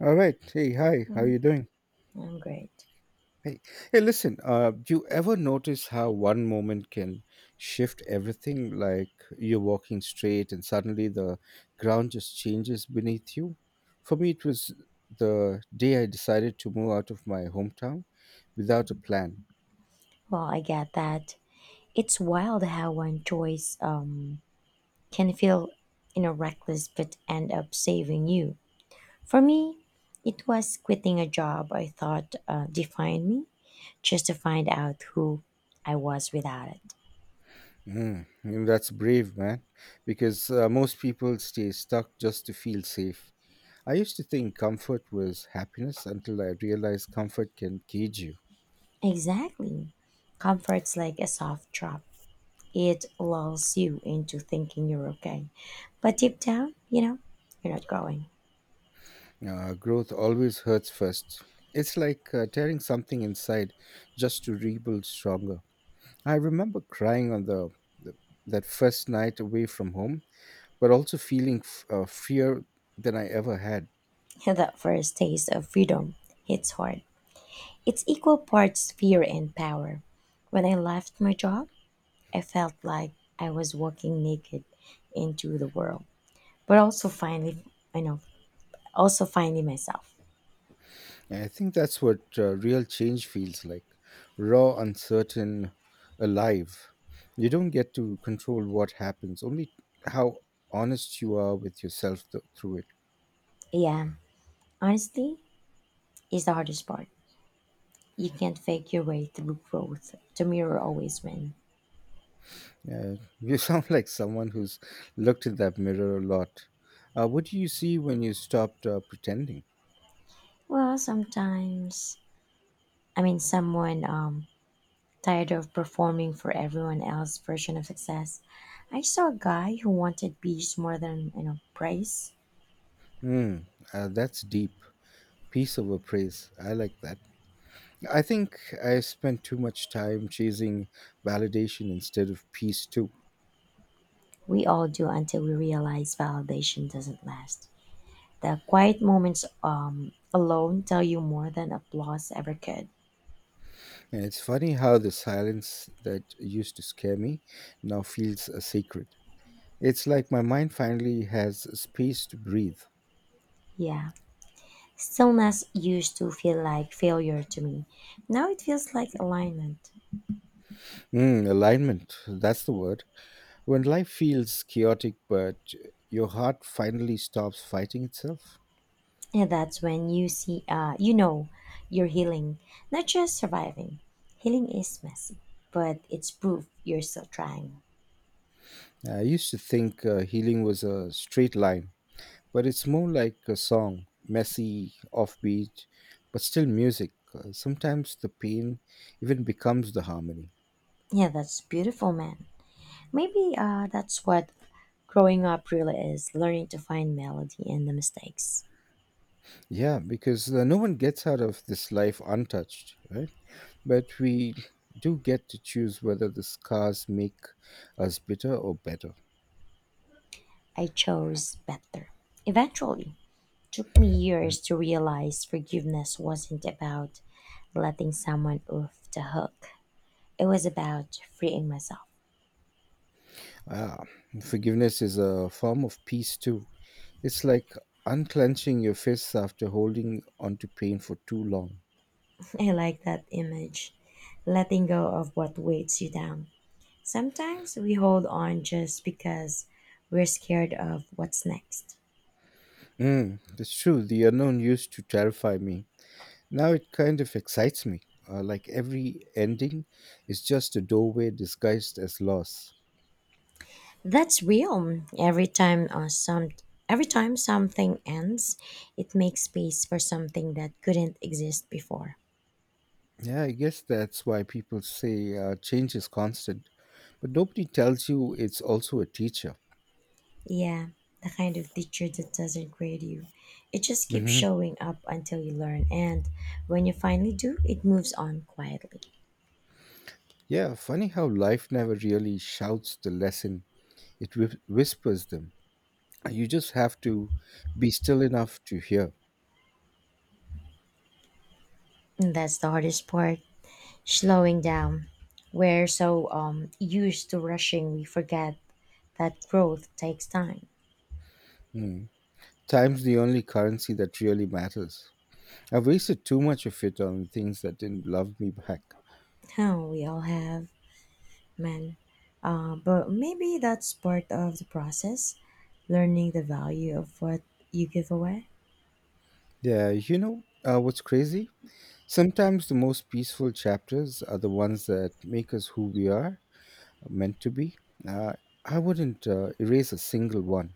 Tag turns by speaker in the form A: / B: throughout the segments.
A: All right. Hey, hi. How you
B: Mm-hmm.
A: doing?
B: Mm, I'm great.
A: Hey, hey. Listen. Do you ever notice how one moment can shift everything? Like you're walking straight, and suddenly the ground just changes beneath you. For me, it was the day I decided to move out of my hometown without a plan.
B: Well, I get that. It's wild how one choice can feel, reckless but end up saving you. For me, it was quitting a job I thought defined me just to find out who I was without it.
A: Mm, and that's brave, man. Because most people stay stuck just to feel safe. I used to think comfort was happiness until I realized comfort can cage you.
B: Exactly. Comfort's like a soft drop. It lulls you into thinking you're okay. But deep down, you're not growing.
A: Growth always hurts first. It's like tearing something inside just to rebuild stronger. I remember crying on the that first night away from home, but also feeling fear than I ever had.
B: That first taste of freedom hits hard. It's equal parts fear and power. When I left my job, I felt like I was walking naked into the world, but also finally, I know, also finding myself.
A: And I think that's what real change feels like: raw, uncertain, alive. You don't get to control what happens, only how honest you are with yourself through it.
B: Yeah, honestly, is the hardest part. You can't fake your way through growth. The mirror always wins.
A: Yeah, you sound like someone who's looked in that mirror a lot. What do you see when you stopped pretending?
B: Well, sometimes, I mean, someone tired of performing for everyone else's version of success. I saw a guy who wanted bees more than praise.
A: Mm, that's deep. Peace over praise. I like that. I think I spent too much time chasing validation instead of peace, too.
B: We all do until we realize validation doesn't last. The quiet moments alone tell you more than applause ever could.
A: And it's funny how the silence that used to scare me now feels a sacred. It's like my mind finally has space to breathe.
B: Yeah. Stillness used to feel like failure to me. Now it feels like alignment.
A: Mm, alignment. That's the word. When life feels chaotic, but your heart finally stops fighting itself?
B: And that's when you see, you're healing, not just surviving. Healing is messy, but it's proof you're still trying.
A: I used to think healing was a straight line, but it's more like a song messy, offbeat, but still music. Sometimes the pain even becomes the harmony.
B: Yeah, that's beautiful, man. Maybe that's what growing up really is, learning to find melody in the mistakes.
A: Yeah, because no one gets out of this life untouched, right? But we do get to choose whether the scars make us bitter or better.
B: I chose better. Eventually, it took me
A: Mm.
B: years to realize forgiveness wasn't about letting someone off the hook. It was about freeing myself.
A: Ah, forgiveness is a form of peace too. It's like unclenching your fists after holding onto pain for too long.
B: I like that image. Letting go of what weighs you down. Sometimes we hold on just because we're scared of what's next.
A: Mm, that's true. The unknown used to terrify me. Now it kind of excites me. Like every ending is just a doorway disguised as loss.
B: That's real. Every time something ends, it makes space for something that couldn't exist before.
A: Yeah, I guess that's why people say change is constant, but nobody tells you it's also a teacher.
B: Yeah, the kind of teacher that doesn't grade you. It just keeps
A: Hmm.
B: showing up until you learn, and when you finally do, it moves on quietly.
A: Yeah, funny how life never really shouts the lesson, it whispers them. You just have to be still enough to hear.
B: And that's the hardest part, slowing down. We're so used to rushing, we forget that growth takes time.
A: Mm. Time's the only currency that really matters. I've wasted too much of it on things that didn't love me back.
B: How we all have, man. But maybe that's part of the process, learning the value of what you give away.
A: Yeah, you know, what's crazy? Sometimes the most peaceful chapters are the ones that make us who we are meant to be. Uh, I wouldn't erase a single one.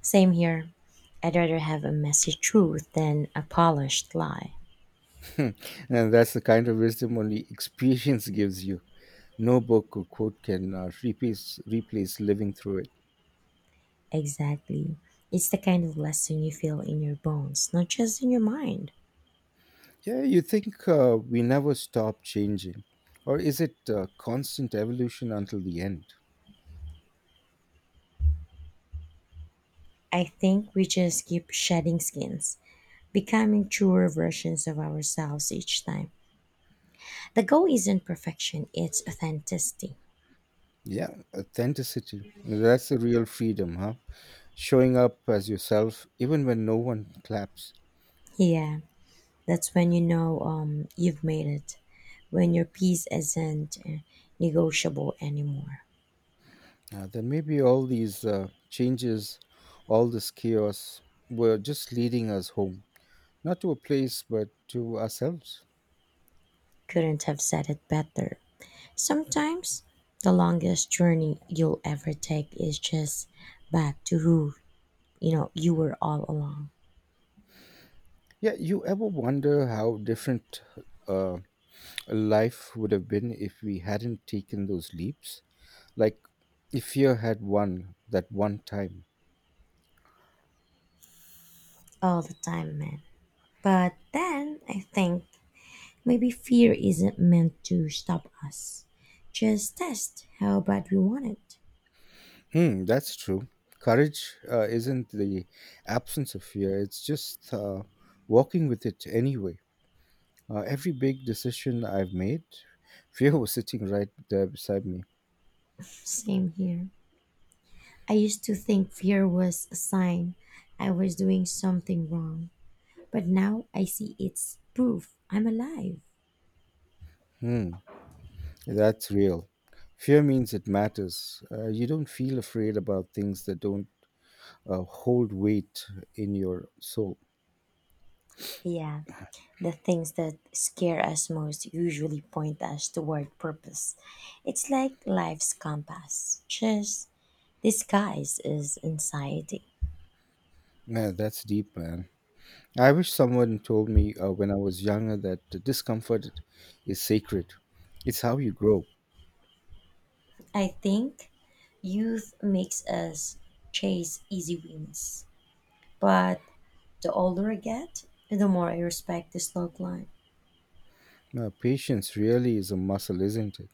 B: Same here. I'd rather have a messy truth than a polished lie.
A: And that's the kind of wisdom only experience gives you. No book or quote can replace living through it.
B: Exactly. It's the kind of lesson you feel in your bones, not just in your mind.
A: Yeah, you think we never stop changing? Or is it constant evolution until the end?
B: I think we just keep shedding skins, becoming truer versions of ourselves each time. The goal isn't perfection, it's authenticity.
A: Yeah, authenticity. That's the real freedom, huh? Showing up as yourself, even when no one claps.
B: Yeah. That's when you've made it, when your peace isn't negotiable anymore.
A: Then maybe all these changes, all this chaos, were just leading us home. Not to a place, but to ourselves.
B: Couldn't have said it better. Sometimes the longest journey you'll ever take is just back to who you know you were all along.
A: Yeah, you ever wonder how different uh, life would have been if we hadn't taken those leaps? Like if fear had won that one time.
B: All the time, man. But then I think maybe fear isn't meant to stop us. Just test how bad we want it.
A: Hmm, that's true. Courage isn't the absence of fear, it's just walking with it anyway. Every big decision I've made, fear was sitting right there beside me.
B: Same here. I used to think fear was a sign I was doing something wrong, but now I see it's proof I'm alive.
A: Hmm, that's real. Fear means it matters. You don't feel afraid about things that don't hold weight in your soul.
B: Yeah, the things that scare us most usually point us toward purpose. It's like life's compass, just disguised as anxiety.
A: Man, that's deep, man. I wish someone told me when I was younger that the discomfort is sacred. It's how you grow.
B: I think youth makes us chase easy wins, but the older I get, the more I respect the slow climb.
A: Patience really is a muscle, isn't it?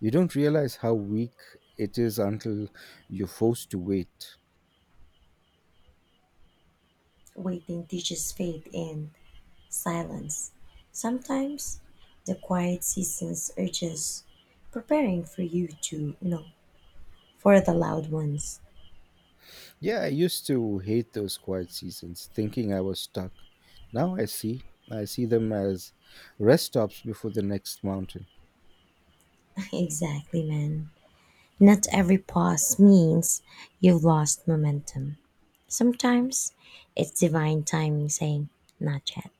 A: You don't realize how weak it is until you're forced to wait.
B: Waiting teaches faith in silence. Sometimes the quiet seasons are just preparing for you to, you know, for the loud ones.
A: Yeah, I used to hate those quiet seasons, thinking I was stuck. Now I see. I see them as rest stops before the next mountain.
B: Exactly, man. Not every pause means you've lost momentum. Sometimes it's divine timing saying, not yet.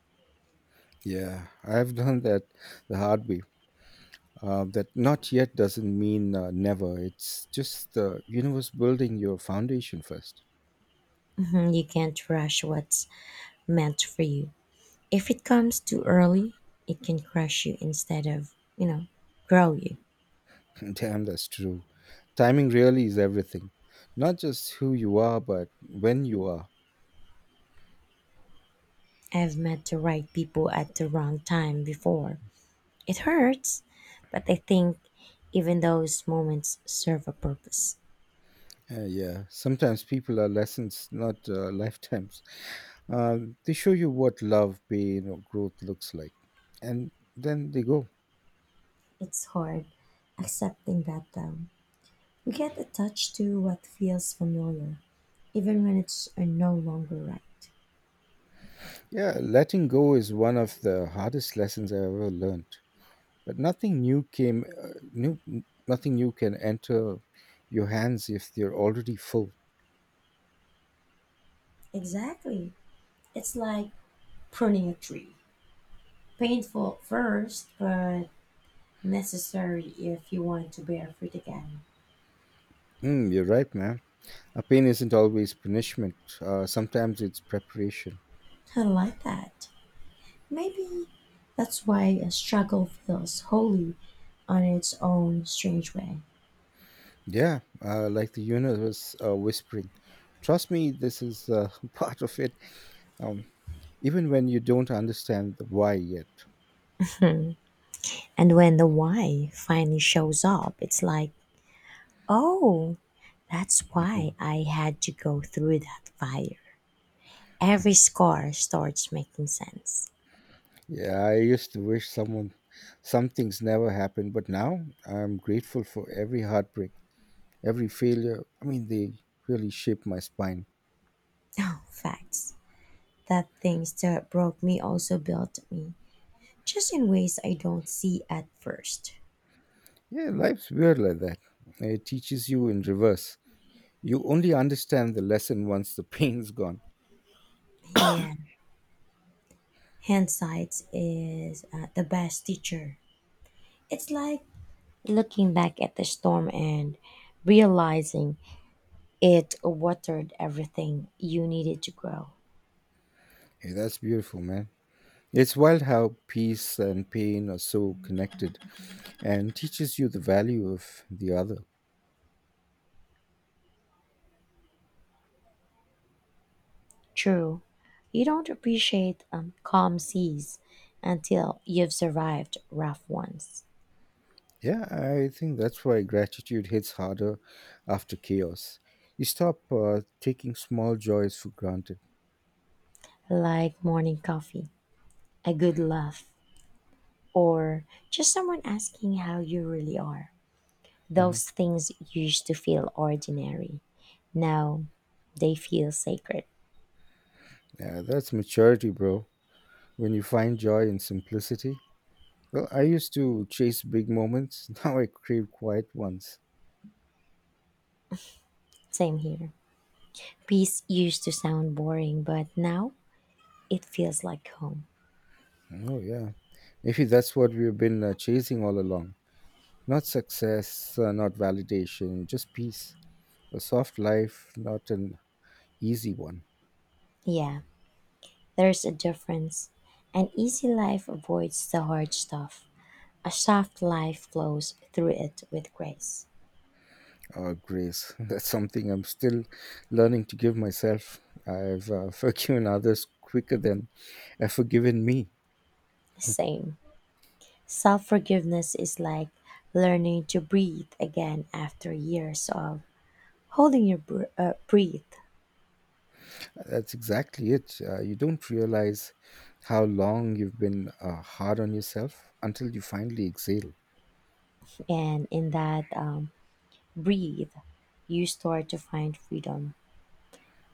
A: Yeah, I've done that the hard way. That not yet doesn't mean never. It's just the universe building your foundation first.
B: Mhm. You can't rush what's meant for you. If it comes too early, it can crush you instead of, grow you.
A: Damn, that's true. Timing really is everything. Not just who you are, but when you are.
B: I've met the right people at the wrong time before. It hurts, but I think even those moments serve a purpose.
A: Yeah, sometimes people are lessons, not lifetimes. They show you what love, pain, or growth looks like. And then they go.
B: It's hard accepting that though. We get attached to what feels familiar, even when it's no longer right.
A: Yeah, letting go is one of the hardest lessons I ever learned. But nothing new can enter your hands if they're already full.
B: Exactly. It's like pruning a tree. Painful at first, but necessary if you want to bear fruit again.
A: Mm, you're right, man. A pain isn't always punishment. Sometimes it's preparation.
B: I like that. Maybe that's why a struggle feels holy on its own strange way.
A: Yeah, like the universe whispering. Trust me, this is part of it. Um, even when you don't understand the why yet.
B: And when the why finally shows up, it's like, oh, that's
A: Mhm.
B: why I had to go through that fire. Every scar starts making sense.
A: Yeah, I used to some things never happened, but now I'm grateful for every heartbreak. Every failure, I mean, they really shaped my spine.
B: Oh, facts. That things that broke me also built me, just in ways I don't see at first.
A: Yeah, life's weird like that. It teaches you in reverse. You only understand the lesson once the pain's gone.
B: Yeah, hindsight is the best teacher. It's like looking back at the storm and realizing it watered everything you needed to grow.
A: Hey, that's beautiful, man. It's wild how peace and pain are so connected and teaches you the value of the other.
B: True, you don't appreciate calm seas until you've survived rough ones,
A: Yeah, I think that's why gratitude hits harder after chaos. You stop taking small joys for granted.
B: like morning coffee, a good laugh, or just someone asking how you really are.
A: Hmm.
B: Those things used to feel ordinary. Now they feel sacred.
A: Yeah, that's maturity, bro. When you find joy in simplicity, well, I used to chase big moments. Now I crave quiet ones.
B: Same here. Peace used to sound boring, but now it feels like home.
A: Oh, yeah. Maybe that's what we've been chasing all along. Not success, not validation, just peace. A soft life, not an easy one.
B: Yeah, there's a difference. An easy life avoids the hard stuff. A soft life flows through it with grace.
A: Or grace. That's something I'm still learning to give myself. I've forgiven others quicker than I've forgiven me.
B: Same. Self forgiveness is like learning to breathe again after years of holding your breath.
A: That's exactly it. You don't realize how long you've been hard on yourself until you finally exhale.
B: And in that breathe, you start to find freedom,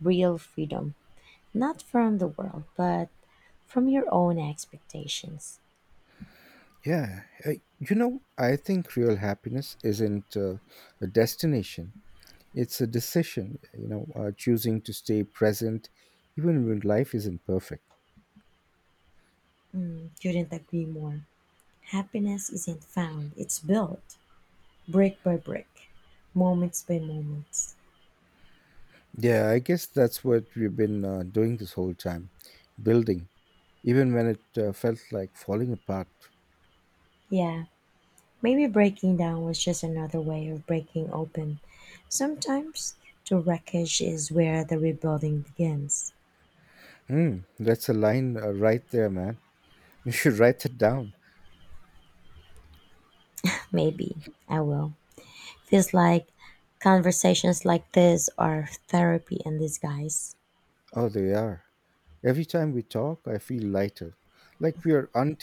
B: real freedom, not from the world, but from your own expectations.
A: Yeah, you know, I think real happiness isn't a destination, it's a decision, you know, choosing to stay present even when life isn't perfect.
B: Mm, couldn't agree more. Happiness isn't found, it's built brick by brick, moments by moments.
A: Yeah, I guess that's what we've been doing this whole time building, even when it felt like falling apart.
B: Yeah, maybe breaking down was just another way of breaking open. Sometimes the wreckage is where the rebuilding begins.
A: Mm, that's a line right there, man. You should write it down.
B: Maybe I will. Feels like conversations like this are therapy in disguise.
A: Oh, they are. Every time we talk, I feel lighter, like we are